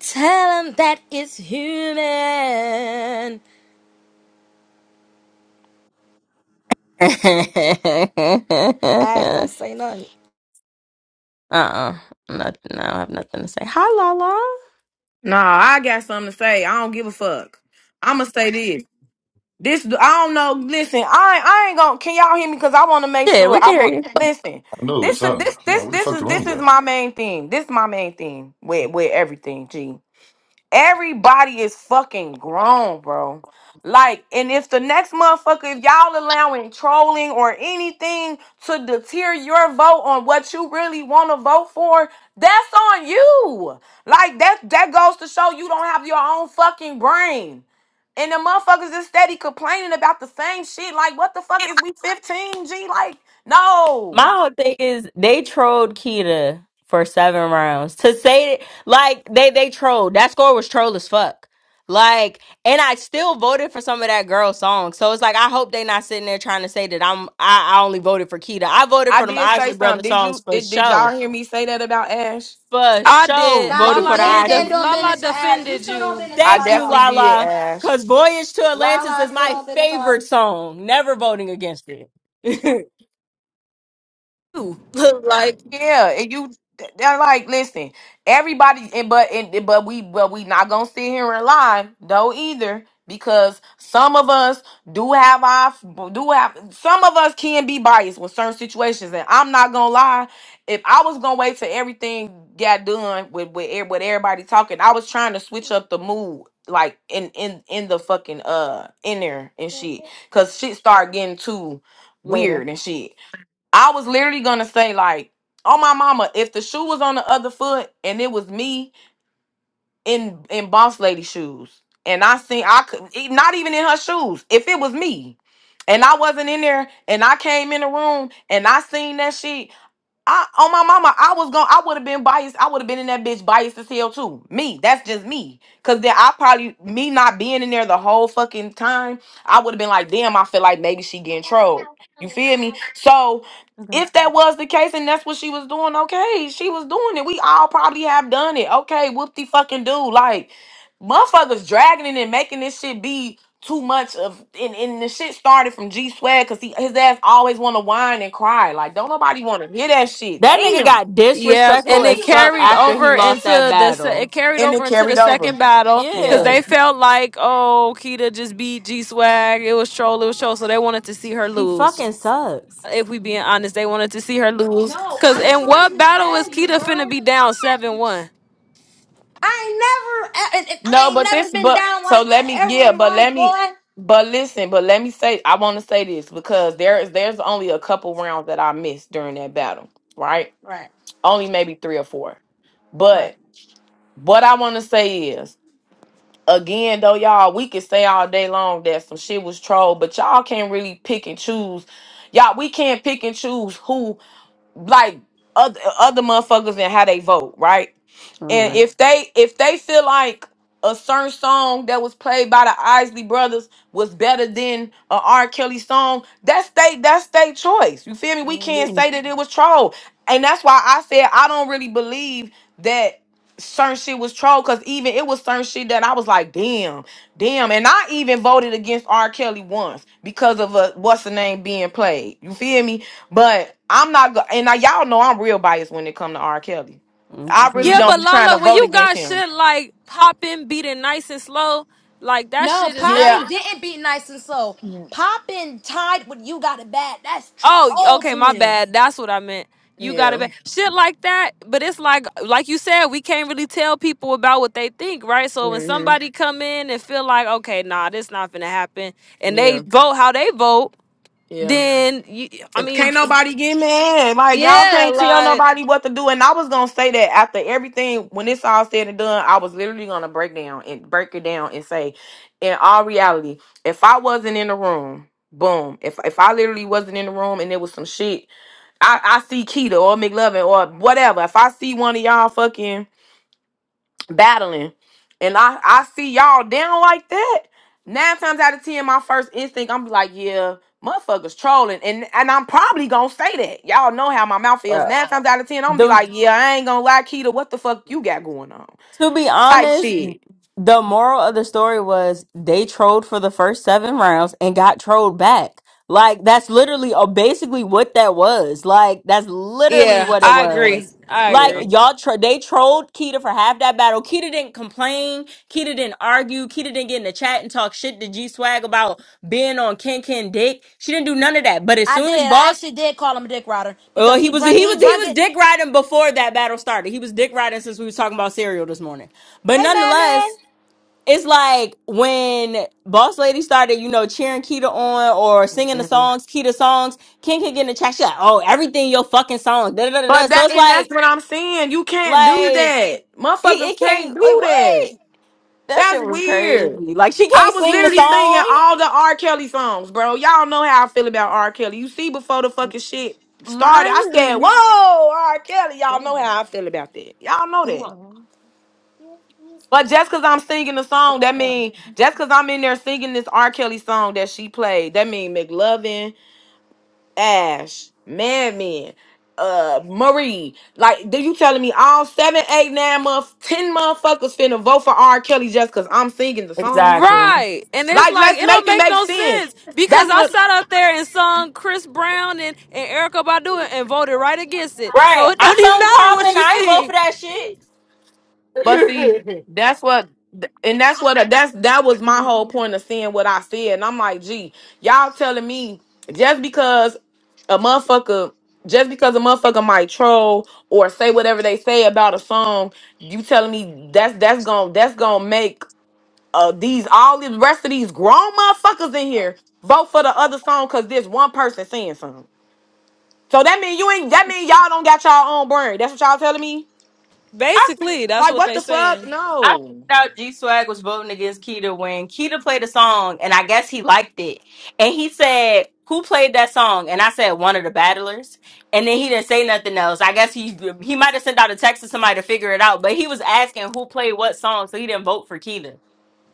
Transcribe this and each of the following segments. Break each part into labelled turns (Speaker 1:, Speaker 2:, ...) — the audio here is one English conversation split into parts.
Speaker 1: Tell him that it's human.
Speaker 2: uh-uh.
Speaker 1: Ass don't say nothing.
Speaker 2: Not, no, I don't have nothing to say. Hi, Lala.
Speaker 3: Nah, I got something to say. I don't give a fuck. I'ma say this. This I don't know. Listen, I ain't- I ain't gonna. Can y'all hear me? Cause I want to make
Speaker 2: Yeah,
Speaker 3: sure.
Speaker 2: we can
Speaker 3: I
Speaker 2: hear
Speaker 3: want.
Speaker 2: you.
Speaker 3: Listen.
Speaker 4: I know it was
Speaker 3: This the
Speaker 4: something.
Speaker 3: this
Speaker 4: I'm like,
Speaker 3: this
Speaker 4: where the
Speaker 3: this
Speaker 4: fuck the
Speaker 3: is this
Speaker 4: room go?
Speaker 3: is my main thing. This is my main thing with with everything. G. Everybody is fucking grown, bro. Like, and if the next motherfucker, if y'all allowing trolling or anything to deter your vote on what you really want to vote for, that's on you. Like that that goes to show you don't have your own fucking brain. And the motherfuckers is steady complaining about the same shit. Like, what the fuck is we 15? G like,
Speaker 2: My
Speaker 3: no.
Speaker 2: whole thing is they trolled Kita for seven rounds. To say like they they trolled. That score was troll as fuck. Like, and I still voted for some of that girl's song. So it's like I hope they not sitting there trying to say that I'm I, I only voted for Kita. I voted
Speaker 3: I
Speaker 2: for them
Speaker 3: did say
Speaker 2: Isley
Speaker 3: something.
Speaker 2: Brothers
Speaker 3: Did
Speaker 2: songs
Speaker 3: you
Speaker 2: for
Speaker 3: did, did
Speaker 2: show.
Speaker 3: y'all hear me say that about Ash?
Speaker 2: For
Speaker 5: I
Speaker 2: show
Speaker 5: did.
Speaker 1: Nah,
Speaker 2: voted
Speaker 1: you
Speaker 2: for
Speaker 5: Lala
Speaker 2: the
Speaker 1: did
Speaker 5: did.
Speaker 2: Isley.
Speaker 5: Def-
Speaker 1: stand on
Speaker 5: Lala
Speaker 1: business for Al. You
Speaker 5: defended
Speaker 1: stood on
Speaker 5: you.
Speaker 1: business for
Speaker 3: I
Speaker 1: my
Speaker 2: Thank you,
Speaker 3: definitely
Speaker 1: dog.
Speaker 3: did,
Speaker 2: Lala.
Speaker 3: Ash.
Speaker 2: Cause Voyage to Atlantis
Speaker 1: Lala
Speaker 2: is
Speaker 1: stood
Speaker 2: my
Speaker 1: on business for my dog.
Speaker 2: favorite song. Never voting against it.
Speaker 5: Ooh. like
Speaker 3: Yeah, and you they're like, listen, everybody and but and but we but we not gonna sit here and lie though either because some of us do have our do have some of us can be biased with certain situations and I'm not gonna lie if I was gonna wait till everything got done with with, e- with everybody talking I was trying to switch up the mood like in in in the fucking uh in there and shit because shit started getting too
Speaker 2: Later.
Speaker 3: weird and shit I was literally gonna say like, oh my mama, if the shoe was on the other foot and it was me in in boss lady shoes, and I seen I could e- not even in her shoes. If it was me, and I wasn't in there, and I came in the room and I seen that shit. I on my mama, I was going to I would have been biased. I would have been in that bitch biased as hell too. Me, that's just me. Cause then I probably me not being in there the whole fucking time, I would have been like, damn, I feel like maybe she getting trolled. You feel me? So if that was the case and that's what she was doing, okay, she was doing it. We all probably have done it. Okay, whoop the fucking do. Like motherfuckers dragging it and making this shit be too much of and, and the shit started from G Swag because he his ass always wanna whine and cry. Like don't nobody wanna hear that shit.
Speaker 2: That nigga
Speaker 3: Damn.
Speaker 2: got
Speaker 5: yeah,
Speaker 2: disrespectful
Speaker 5: and
Speaker 1: When
Speaker 5: it
Speaker 1: he
Speaker 2: as
Speaker 1: lose
Speaker 2: fuck
Speaker 1: the
Speaker 5: carried
Speaker 2: after
Speaker 1: battle.
Speaker 2: he
Speaker 5: over
Speaker 2: lost that
Speaker 5: into the se- it
Speaker 2: battle.
Speaker 5: carried
Speaker 3: And it
Speaker 5: over into the
Speaker 3: carried over.
Speaker 5: second battle because
Speaker 3: Yeah.
Speaker 2: Yeah.
Speaker 5: they felt like oh Kita just beat G Swag. It was troll. It was troll. So they wanted to see her
Speaker 2: He
Speaker 5: lose.
Speaker 2: fucking sucks.
Speaker 5: If we being honest, they wanted to see her lose.
Speaker 1: No,
Speaker 5: Cause
Speaker 1: I'm
Speaker 5: in
Speaker 1: trying
Speaker 5: what
Speaker 1: to
Speaker 5: battle
Speaker 1: tell
Speaker 5: is
Speaker 1: you,
Speaker 5: Kita finna
Speaker 1: bro.
Speaker 5: be down seven one?
Speaker 1: I ain't never, and- and I
Speaker 3: No,
Speaker 1: ain't
Speaker 3: but
Speaker 1: never
Speaker 3: this
Speaker 1: been
Speaker 3: but
Speaker 1: down
Speaker 3: so
Speaker 1: like
Speaker 3: let
Speaker 1: that
Speaker 3: me
Speaker 1: ever
Speaker 3: yeah,
Speaker 1: in
Speaker 3: but
Speaker 1: life,
Speaker 3: let me
Speaker 1: boy.
Speaker 3: but listen, but let me say I wanna say this because there is there's only a couple rounds that I missed during that battle, right?
Speaker 1: Right,
Speaker 3: Only maybe three or four.
Speaker 1: right,
Speaker 3: But what I wanna say is again though y'all we could say all day long that some shit was trolled but y'all can't really pick and choose y'all we can't pick and choose who like other other motherfuckers and how they vote, right? And
Speaker 1: right.
Speaker 2: Mm-hmm.
Speaker 3: if they if they feel like a certain song that was played by the Isley Brothers was better than a R. Kelly song, that's they that's their choice. You feel me? We
Speaker 1: hmm
Speaker 3: can't say that it was troll, and that's why I said I don't really believe that certain shit was troll because even it was certain shit that I was like, damn, damn, and I even voted against R. Kelly once because of a what's the name being played. You feel me? But I'm not go- and now y'all know I'm real biased when it come to R. Kelly. I really
Speaker 2: hmm
Speaker 5: Yeah,
Speaker 3: don't
Speaker 5: but
Speaker 3: be trying to
Speaker 5: Lala, when
Speaker 3: vote
Speaker 5: you
Speaker 3: against
Speaker 5: got
Speaker 3: him.
Speaker 5: shit like popping, beating nice and slow, like that
Speaker 1: No,
Speaker 5: shit is
Speaker 3: Yeah.
Speaker 1: Poppin
Speaker 5: that.
Speaker 1: didn't beat Nice and Slow.
Speaker 3: Mm,
Speaker 1: Poppin tied with You Got It Bad. That's
Speaker 5: Oh,
Speaker 1: troll
Speaker 5: okay,
Speaker 1: to
Speaker 5: my
Speaker 1: me.
Speaker 5: bad. That's what I meant. You got to
Speaker 3: Yeah.
Speaker 5: be shit like that. But it's like, like you said, we can't really tell people about what they think, right? So when
Speaker 3: hmm
Speaker 5: somebody come in and feel like, okay, nah, this not gonna happen, and they
Speaker 3: Yeah.
Speaker 5: vote how they vote,
Speaker 3: Yeah.
Speaker 5: then you, I
Speaker 3: If
Speaker 5: mean,
Speaker 3: can't nobody get mad. Like y'all
Speaker 5: yeah,
Speaker 3: can't tell
Speaker 5: like,
Speaker 3: nobody what to do. And I was gonna say that after everything, when it's all said and done, I was literally gonna break down and break it down and say, in all reality, if I wasn't in the room, boom. If if I literally wasn't in the room and there was some shit I, I see Keto or McLovin or whatever. If I see one of y'all fucking battling and I, I see y'all down like that, nine times out of ten, my first instinct, I'm like, yeah, motherfuckers trolling. And and I'm probably gonna say that. Y'all know how my mouth is. Nine times out of ten, I'm gonna be
Speaker 2: The
Speaker 3: like, yeah, I ain't gonna lie, Keto, what the fuck you got going on?
Speaker 2: To be
Speaker 3: Type
Speaker 2: honest,
Speaker 3: shit.
Speaker 2: the moral of the story was they trolled for the first seven rounds and got trolled back. Like that's literally or basically what that was. Like that's literally
Speaker 5: yeah,
Speaker 2: what it
Speaker 5: I agree,
Speaker 2: was.
Speaker 5: I
Speaker 2: Like
Speaker 3: Yeah.
Speaker 5: agree.
Speaker 2: y'all, tro- they trolled Keita for half that battle. Keita didn't complain. Keita didn't argue. Keita didn't get in the chat and talk shit to G Swag about being on Ken Ken Dick. She didn't do none of that. But as
Speaker 1: I
Speaker 2: soon as
Speaker 1: did. I
Speaker 2: Boss
Speaker 1: actually did call him a dick rider
Speaker 2: well,
Speaker 1: because
Speaker 2: he
Speaker 1: he
Speaker 2: was
Speaker 1: brung it.
Speaker 2: he
Speaker 1: He
Speaker 2: was he
Speaker 1: brung
Speaker 2: was
Speaker 1: it.
Speaker 2: dick riding before that battle started. He was dick riding since we was talking about cereal this morning. But
Speaker 1: Hey, man, man.
Speaker 2: nonetheless, it's like when Boss Lady started, you know, cheering Keita on or singing the
Speaker 3: Mhm.
Speaker 2: songs, Keita songs. King can get in the chat. She's like, oh, everything your fucking song. Da, da, da, da.
Speaker 3: But
Speaker 2: So
Speaker 3: that
Speaker 2: it's
Speaker 3: and
Speaker 2: like,
Speaker 3: that's what I'm saying. You can't do
Speaker 2: like
Speaker 3: that.
Speaker 2: it,
Speaker 3: Motherfuckers
Speaker 2: it
Speaker 3: can't
Speaker 2: can't
Speaker 3: do
Speaker 2: like what
Speaker 3: that.
Speaker 2: that shit
Speaker 3: That's
Speaker 2: was
Speaker 3: weird.
Speaker 2: crazy. Like she
Speaker 3: I
Speaker 2: can't
Speaker 3: was
Speaker 2: sing the
Speaker 3: literally singing
Speaker 2: song,
Speaker 3: all the R. Kelly songs, bro. Y'all know how I feel about R. Kelly. You see, before the fucking shit started,
Speaker 2: mind
Speaker 3: I said,
Speaker 2: you.
Speaker 3: "Whoa, R. Kelly."
Speaker 2: What
Speaker 3: Y'all know how I feel about that. Y'all know
Speaker 2: do you
Speaker 3: that.
Speaker 2: want?
Speaker 3: But just because I'm singing the
Speaker 2: Okay,
Speaker 3: song, that
Speaker 2: yeah.
Speaker 3: mean just because I'm in there singing this R. Kelly song that she played, that mean McLovin, Ash, Madman, uh, Marie. Like, do you telling me all seven, eight, nine months, ten motherfuckers finna vote for R. Kelly just because I'm singing the song?
Speaker 2: Exactly.
Speaker 5: Right. And it's
Speaker 3: Like,
Speaker 5: like
Speaker 3: let's
Speaker 5: it don't
Speaker 3: make it
Speaker 5: make
Speaker 3: make
Speaker 5: no
Speaker 3: sense.
Speaker 5: sense because
Speaker 3: That's
Speaker 5: I
Speaker 3: what.
Speaker 5: sat up there and sung Chris Brown and, and Erica Badu and, and voted right against it.
Speaker 2: Right.
Speaker 5: So it
Speaker 2: I
Speaker 5: don't even
Speaker 2: sung
Speaker 5: matter what
Speaker 2: popping.
Speaker 5: you
Speaker 2: I ain't vote
Speaker 5: sing.
Speaker 2: for that shit.
Speaker 3: But see, that's what, and that's what. That's that was my whole point of seeing what I said. And I'm like, gee, y'all telling me just because a motherfucker, just because a motherfucker might troll or say whatever they say about a song, you telling me that's that's gonna that's gonna make uh these all the rest of these grown motherfuckers in here vote for the other song because this one person saying something. So that mean you ain't. That mean y'all don't got y'all own brain. That's what y'all telling me.
Speaker 2: I,
Speaker 5: Basically, that's
Speaker 3: Like
Speaker 5: what
Speaker 3: what
Speaker 5: they
Speaker 3: the fuck?
Speaker 5: saying.
Speaker 2: I found
Speaker 3: No.
Speaker 2: out G Swag was voting against Keita when Keita played a song, and I guess he liked it. And he said, "Who played that song?" And I said, "One of the battlers." And then he didn't say nothing else. I guess he he might have sent out a text to somebody to figure it out, but he was asking who played what song, so he didn't vote for Keita.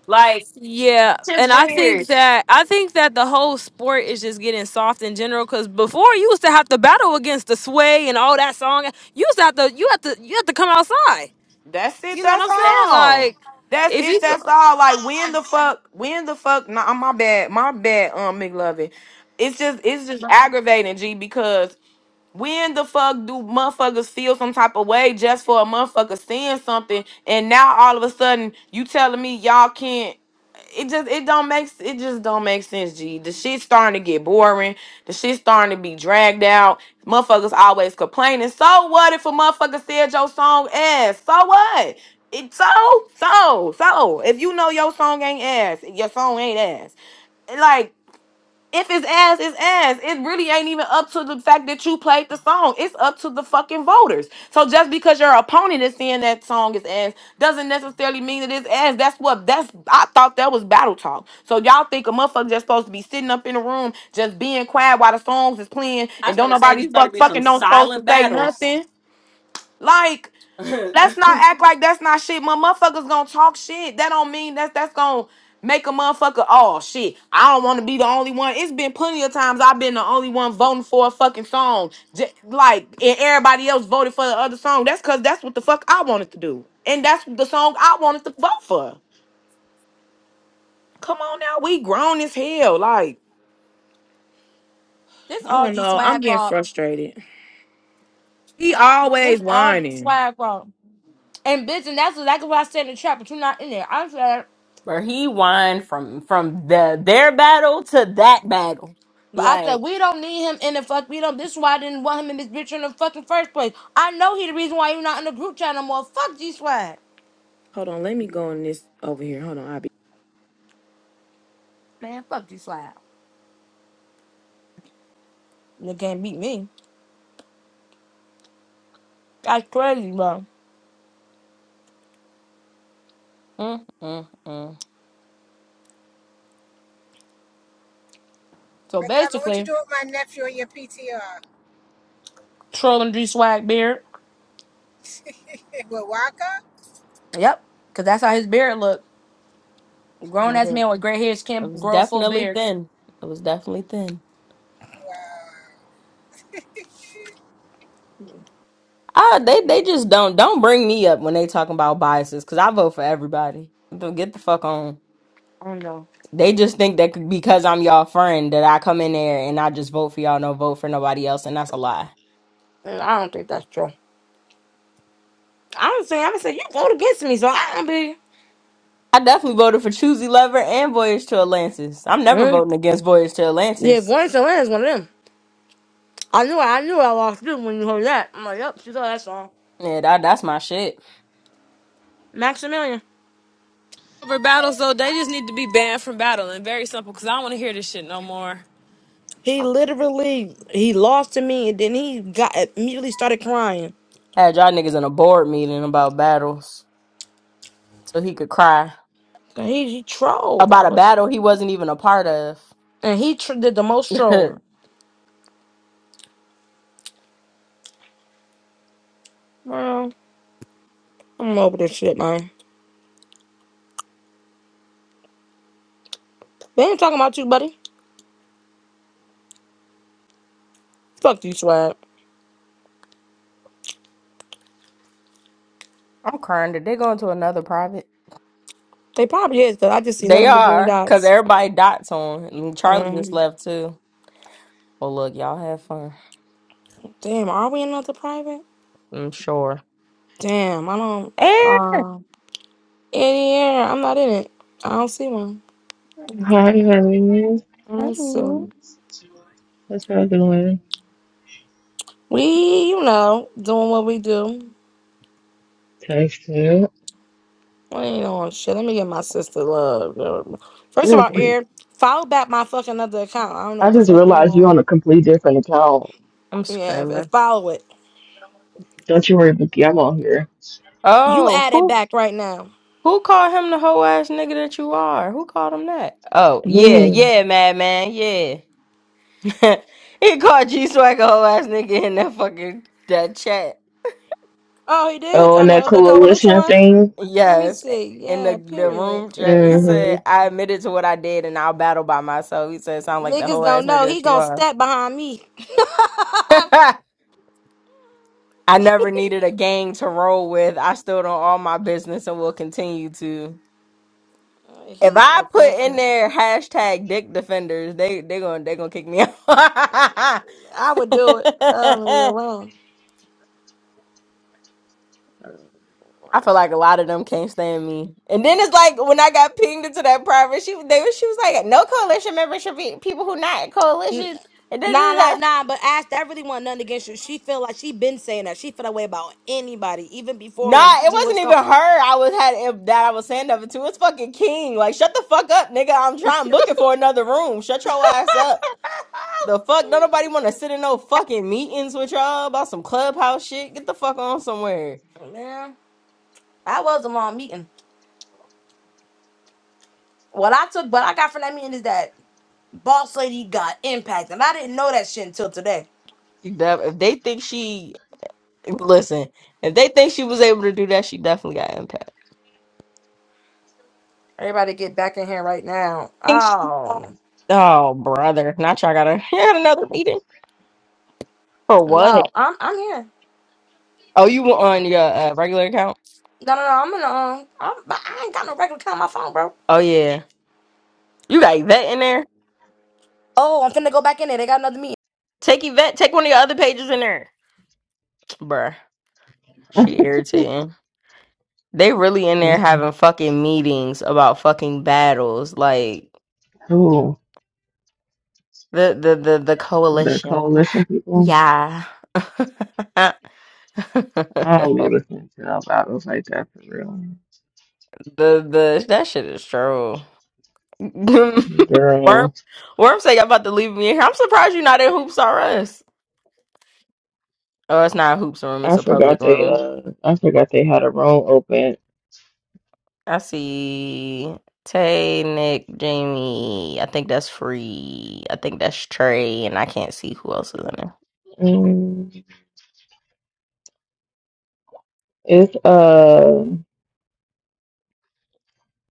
Speaker 2: Like,
Speaker 5: Yeah,
Speaker 2: shit's
Speaker 5: and I think
Speaker 2: weird.
Speaker 5: that I think that the whole sport is just getting soft in general. Cause before you used to have to battle against the sway and all that song. You used to have to you have to you have to come outside.
Speaker 3: That's it.
Speaker 5: You know what
Speaker 3: That's
Speaker 5: I'm saying?
Speaker 3: all.
Speaker 5: Like
Speaker 3: That's
Speaker 5: if
Speaker 3: it.
Speaker 5: you
Speaker 3: That's
Speaker 5: go
Speaker 3: all. Like when the fuck? When the fuck? Nah, my bad. My bad. Um, McLovin. It's just it's just aggravating, G, because When the fuck do motherfuckers feel some type of way just for a motherfucker saying something, and now all of a sudden you telling me y'all can't? It just it don't make s- it just don't make sense. G, the shit's starting to get boring. The shit's starting to be dragged out. Motherfuckers always complaining. So what if a motherfucker said your song ass? So what? It so so so. If you know your song ain't ass, your song ain't ass. Like, if it's ass, it's ass. It really ain't even up to the fact that you played the song. It's up to the fucking voters. So just because your opponent is saying that song is ass doesn't necessarily mean that it's ass. That's what that's I thought that was battle talk. So y'all think a motherfucker just supposed to be sitting up in the room just being quiet while the songs is playing
Speaker 2: I was
Speaker 3: and
Speaker 2: about
Speaker 3: don't
Speaker 2: to say
Speaker 3: nobody
Speaker 2: these about to
Speaker 3: fuck
Speaker 2: be some
Speaker 3: fucking don't supposed to
Speaker 2: silent
Speaker 3: say
Speaker 2: battles.
Speaker 3: nothing. Like Let's not act like that's not shit. My motherfuckers gonna talk shit. That don't mean that's that's gonna make a motherfucker. Oh shit, I don't want to be the only one. It's been plenty of times I've been the only one voting for a fucking song, J- like and everybody else voted for the other song. That's cause that's what the fuck I wanted to do, and that's the song I wanted to vote for. Come on now, we grown as hell. Like
Speaker 1: This
Speaker 3: I
Speaker 1: all
Speaker 3: don't
Speaker 1: G
Speaker 3: know, I'm
Speaker 1: swag
Speaker 3: getting
Speaker 1: fault.
Speaker 3: frustrated. He
Speaker 1: This
Speaker 3: always
Speaker 1: all G
Speaker 3: whining.
Speaker 1: swag fault. And bitch, and that's exactly what I said in the trap, but you're not in there. I said,
Speaker 2: But he whined from from the their battle to that battle.
Speaker 1: but I said
Speaker 2: Like,
Speaker 1: we don't need him in the fuck. We don't. This is why I didn't want him in this bitch in the fucking first place. I know he the reason why you're not in the group chat no more. Fuck G swag,
Speaker 3: Hold on, let me go in this over here. Hold on, IB.
Speaker 1: man. Fuck G swag. You can't beat me. That's crazy, bro.
Speaker 2: mm, mm, mm.
Speaker 1: So
Speaker 6: McLovin, what you
Speaker 1: basically,
Speaker 6: do with my nephew and your PTR?
Speaker 1: trolling G swag beard.
Speaker 6: With Waka?
Speaker 1: Yep, cause that's how his beard look.
Speaker 2: I
Speaker 1: Grown ass
Speaker 2: was,
Speaker 1: man with gray hairs
Speaker 2: it
Speaker 1: can't
Speaker 2: was
Speaker 1: grow a full
Speaker 2: definitely
Speaker 1: beard.
Speaker 2: thin. It was definitely thin.
Speaker 6: Wow.
Speaker 2: Ah, they they just don't don't bring me up when they talking about biases because I vote for everybody. Don't Get the fuck on.
Speaker 1: I don't know.
Speaker 2: They just think that c- because I'm y'all friend that I come in there and I just vote for y'all, no vote for nobody else, and that's a lie.
Speaker 1: Mm, I don't think that's true. Honestly, I'm gonna say you vote against me, so I don't be.
Speaker 2: I definitely voted for Choosy Lover and Voyage to Atlantis. I'm never
Speaker 1: Mm.
Speaker 2: voting against Voyage to
Speaker 1: Yeah, if
Speaker 2: Atlantis.
Speaker 1: one so is one of them. I knew I knew I lost too when you heard that. I'm like, yep, she thought that song.
Speaker 2: Yeah, that, that's my shit.
Speaker 1: Maximilian.
Speaker 5: over battle, so they just need to be banned from battling. Very simple. Cause I don't want to hear this shit no more.
Speaker 1: He literally he lost to me and then he got immediately started crying.
Speaker 2: Had y'all niggas in a board meeting about battles so he could cry
Speaker 1: So he, he trolled.
Speaker 2: about
Speaker 1: That
Speaker 2: a
Speaker 1: was
Speaker 2: battle he wasn't even a part of.
Speaker 1: and he tr- did the most trolling. Well, I'm over this shit, man. They ain't talking about you, buddy. Fuck you, swag.
Speaker 2: I'm crying. Did they go into another private?
Speaker 1: They probably is, cause I just see
Speaker 2: They
Speaker 1: nothing but green
Speaker 2: are, because
Speaker 1: dots.
Speaker 2: everybody dots on. And Charlie just
Speaker 1: Um,
Speaker 2: left too. Well, look, y'all have fun.
Speaker 1: damn, are we in another private?
Speaker 2: I'm sure.
Speaker 1: Damn, I don't.
Speaker 2: And
Speaker 1: Uh, in I'm not in it. I don't see one.
Speaker 7: Hi, honey.
Speaker 1: Let's see.
Speaker 7: What's y'all doing?
Speaker 1: we, you know, doing what we do.
Speaker 7: Texting.
Speaker 1: We ain't on shit. Let me get my sister love. girl. First of
Speaker 7: Yeah,
Speaker 1: all, Air, follow back my fucking other account. I don't know
Speaker 7: I
Speaker 1: what the
Speaker 7: just
Speaker 1: fuck you
Speaker 7: realized you're on
Speaker 1: want.
Speaker 7: a completely different account.
Speaker 2: I'm
Speaker 1: Yeah, and
Speaker 2: screaming.
Speaker 1: follow it.
Speaker 7: Don't you worry, Bookie. I'm on here.
Speaker 1: You
Speaker 2: Oh,
Speaker 1: add it
Speaker 2: who
Speaker 1: back right now.
Speaker 2: Who called him the hoe ass nigga that you are? Who called him that? Oh, yeah,
Speaker 7: Mm.
Speaker 2: yeah, madman, yeah. he called G Swag a hoe ass nigga in that fucking that chat.
Speaker 1: Oh, he did
Speaker 7: Oh,
Speaker 1: on
Speaker 7: and that
Speaker 1: the, the coalition
Speaker 7: coalition
Speaker 1: one.
Speaker 7: thing.
Speaker 1: Let me
Speaker 2: Yes.
Speaker 1: see.
Speaker 2: In the,
Speaker 1: Yeah,
Speaker 2: the room
Speaker 1: period.
Speaker 2: chat. He said,
Speaker 7: Mm-hmm.
Speaker 2: I admitted to what I did and I'll battle by myself. He said, sound like the
Speaker 1: Niggas
Speaker 2: hoe
Speaker 1: don't
Speaker 2: ass nigga
Speaker 1: know. He
Speaker 2: that you
Speaker 1: gonna
Speaker 2: are.
Speaker 1: step behind me.
Speaker 2: I never needed a gang to roll with. I stood on all my business and will continue to.
Speaker 1: Uh,
Speaker 2: If
Speaker 1: He's
Speaker 2: I
Speaker 1: a
Speaker 2: put in
Speaker 1: fucking
Speaker 2: there hashtag dick defenders, they they gonna they gonna kick me out.
Speaker 1: I would do it. I don't
Speaker 2: I
Speaker 1: wrong.
Speaker 2: feel like a lot of them can't stand me. And then it's like when I got pinged into that private, she they was- she was like, "No coalition members should be people who not
Speaker 1: N-
Speaker 2: coalition." And da,
Speaker 1: Nah,
Speaker 2: da,
Speaker 1: like
Speaker 2: da.
Speaker 1: nah, but Ash, that really wasn't nothing against you. She feel like she been saying that. She feel that way about anybody, even before when
Speaker 2: Nah, it
Speaker 1: Gigi was
Speaker 2: wasn't
Speaker 1: gone.
Speaker 2: even her. I was had if that I was saying of it to. It's fucking King. Like, shut the fuck up, nigga. I'm trying. I'm looking for another room. Shut your ass up. The fuck? Don't nobody want to sit in no fucking meetings with y'all about some clubhouse shit. Get the fuck on somewhere.
Speaker 1: Man, I was a long meeting. What I took, what I got from that meeting is that boss lady got impact, and I didn't know that shit until today.
Speaker 2: You def- If they think she Listen, if they think she was able to do that, she definitely got impact.
Speaker 1: Everybody get back in here right now.
Speaker 2: Think she got-
Speaker 1: Oh
Speaker 2: Oh, brother. Not you. I got, a. You had another meeting. For what?
Speaker 1: no, I'm I'm here.
Speaker 2: Oh, you were on your uh, regular account?
Speaker 1: No, no, no, I'm in the um, I'm, I ain't got no regular count on my phone, bro.
Speaker 2: Oh, yeah. You got Yvette in there?
Speaker 1: Oh, I'm finna go back in there. They got another meeting.
Speaker 2: Take Yvette. Take one of your other pages in there. Bruh, she irritating. They really in there having fucking meetings about fucking battles. Like,
Speaker 7: Cool.
Speaker 2: the, the, the, the
Speaker 7: The
Speaker 2: coalition.
Speaker 7: coalition people.
Speaker 2: Yeah.
Speaker 7: I don't be listening to no battles like that for real.
Speaker 2: The the that shit is true. Worm
Speaker 7: Girl,
Speaker 2: Worm say y'all about to leave me in here. I'm surprised you're not in Hoops R Us. Oh, it's not a Hoops room. It's
Speaker 7: I
Speaker 2: a public
Speaker 7: forgot they
Speaker 2: room.
Speaker 7: uh, I forgot they had a room open.
Speaker 2: I see Tay, Nick, Jamie. I think that's free. I think that's Trey, and I can't see who else is in there.
Speaker 7: Mm. It's uh,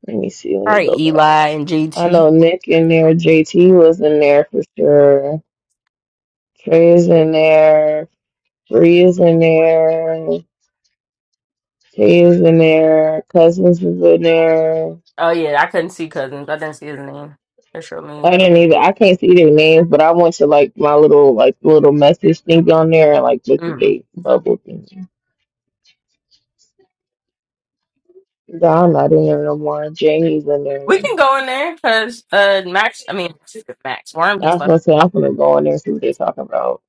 Speaker 7: let me see. Let
Speaker 2: All
Speaker 7: me
Speaker 2: right,
Speaker 7: go back.
Speaker 2: Eli and
Speaker 7: I
Speaker 2: JT.
Speaker 7: know Nick in there, JT was in there for sure. Trey's in there, Bree is in there, Tay is in there, Cousins is in there.
Speaker 2: Oh yeah, I couldn't see cousins. I didn't see his name. That's your
Speaker 7: I
Speaker 2: name.
Speaker 7: didn't
Speaker 2: Okay.
Speaker 7: even I can't see their names, but I went to like my little like little message thing on there and like look at
Speaker 2: Mm.
Speaker 7: the bubble thing. Don not in there no more. Jamie's in
Speaker 2: We
Speaker 7: there.
Speaker 2: can go in there because uh Max. I mean Max Worm
Speaker 7: I
Speaker 2: just
Speaker 7: was
Speaker 2: left.
Speaker 7: gonna say I'm gonna go in there and see what they're talking about.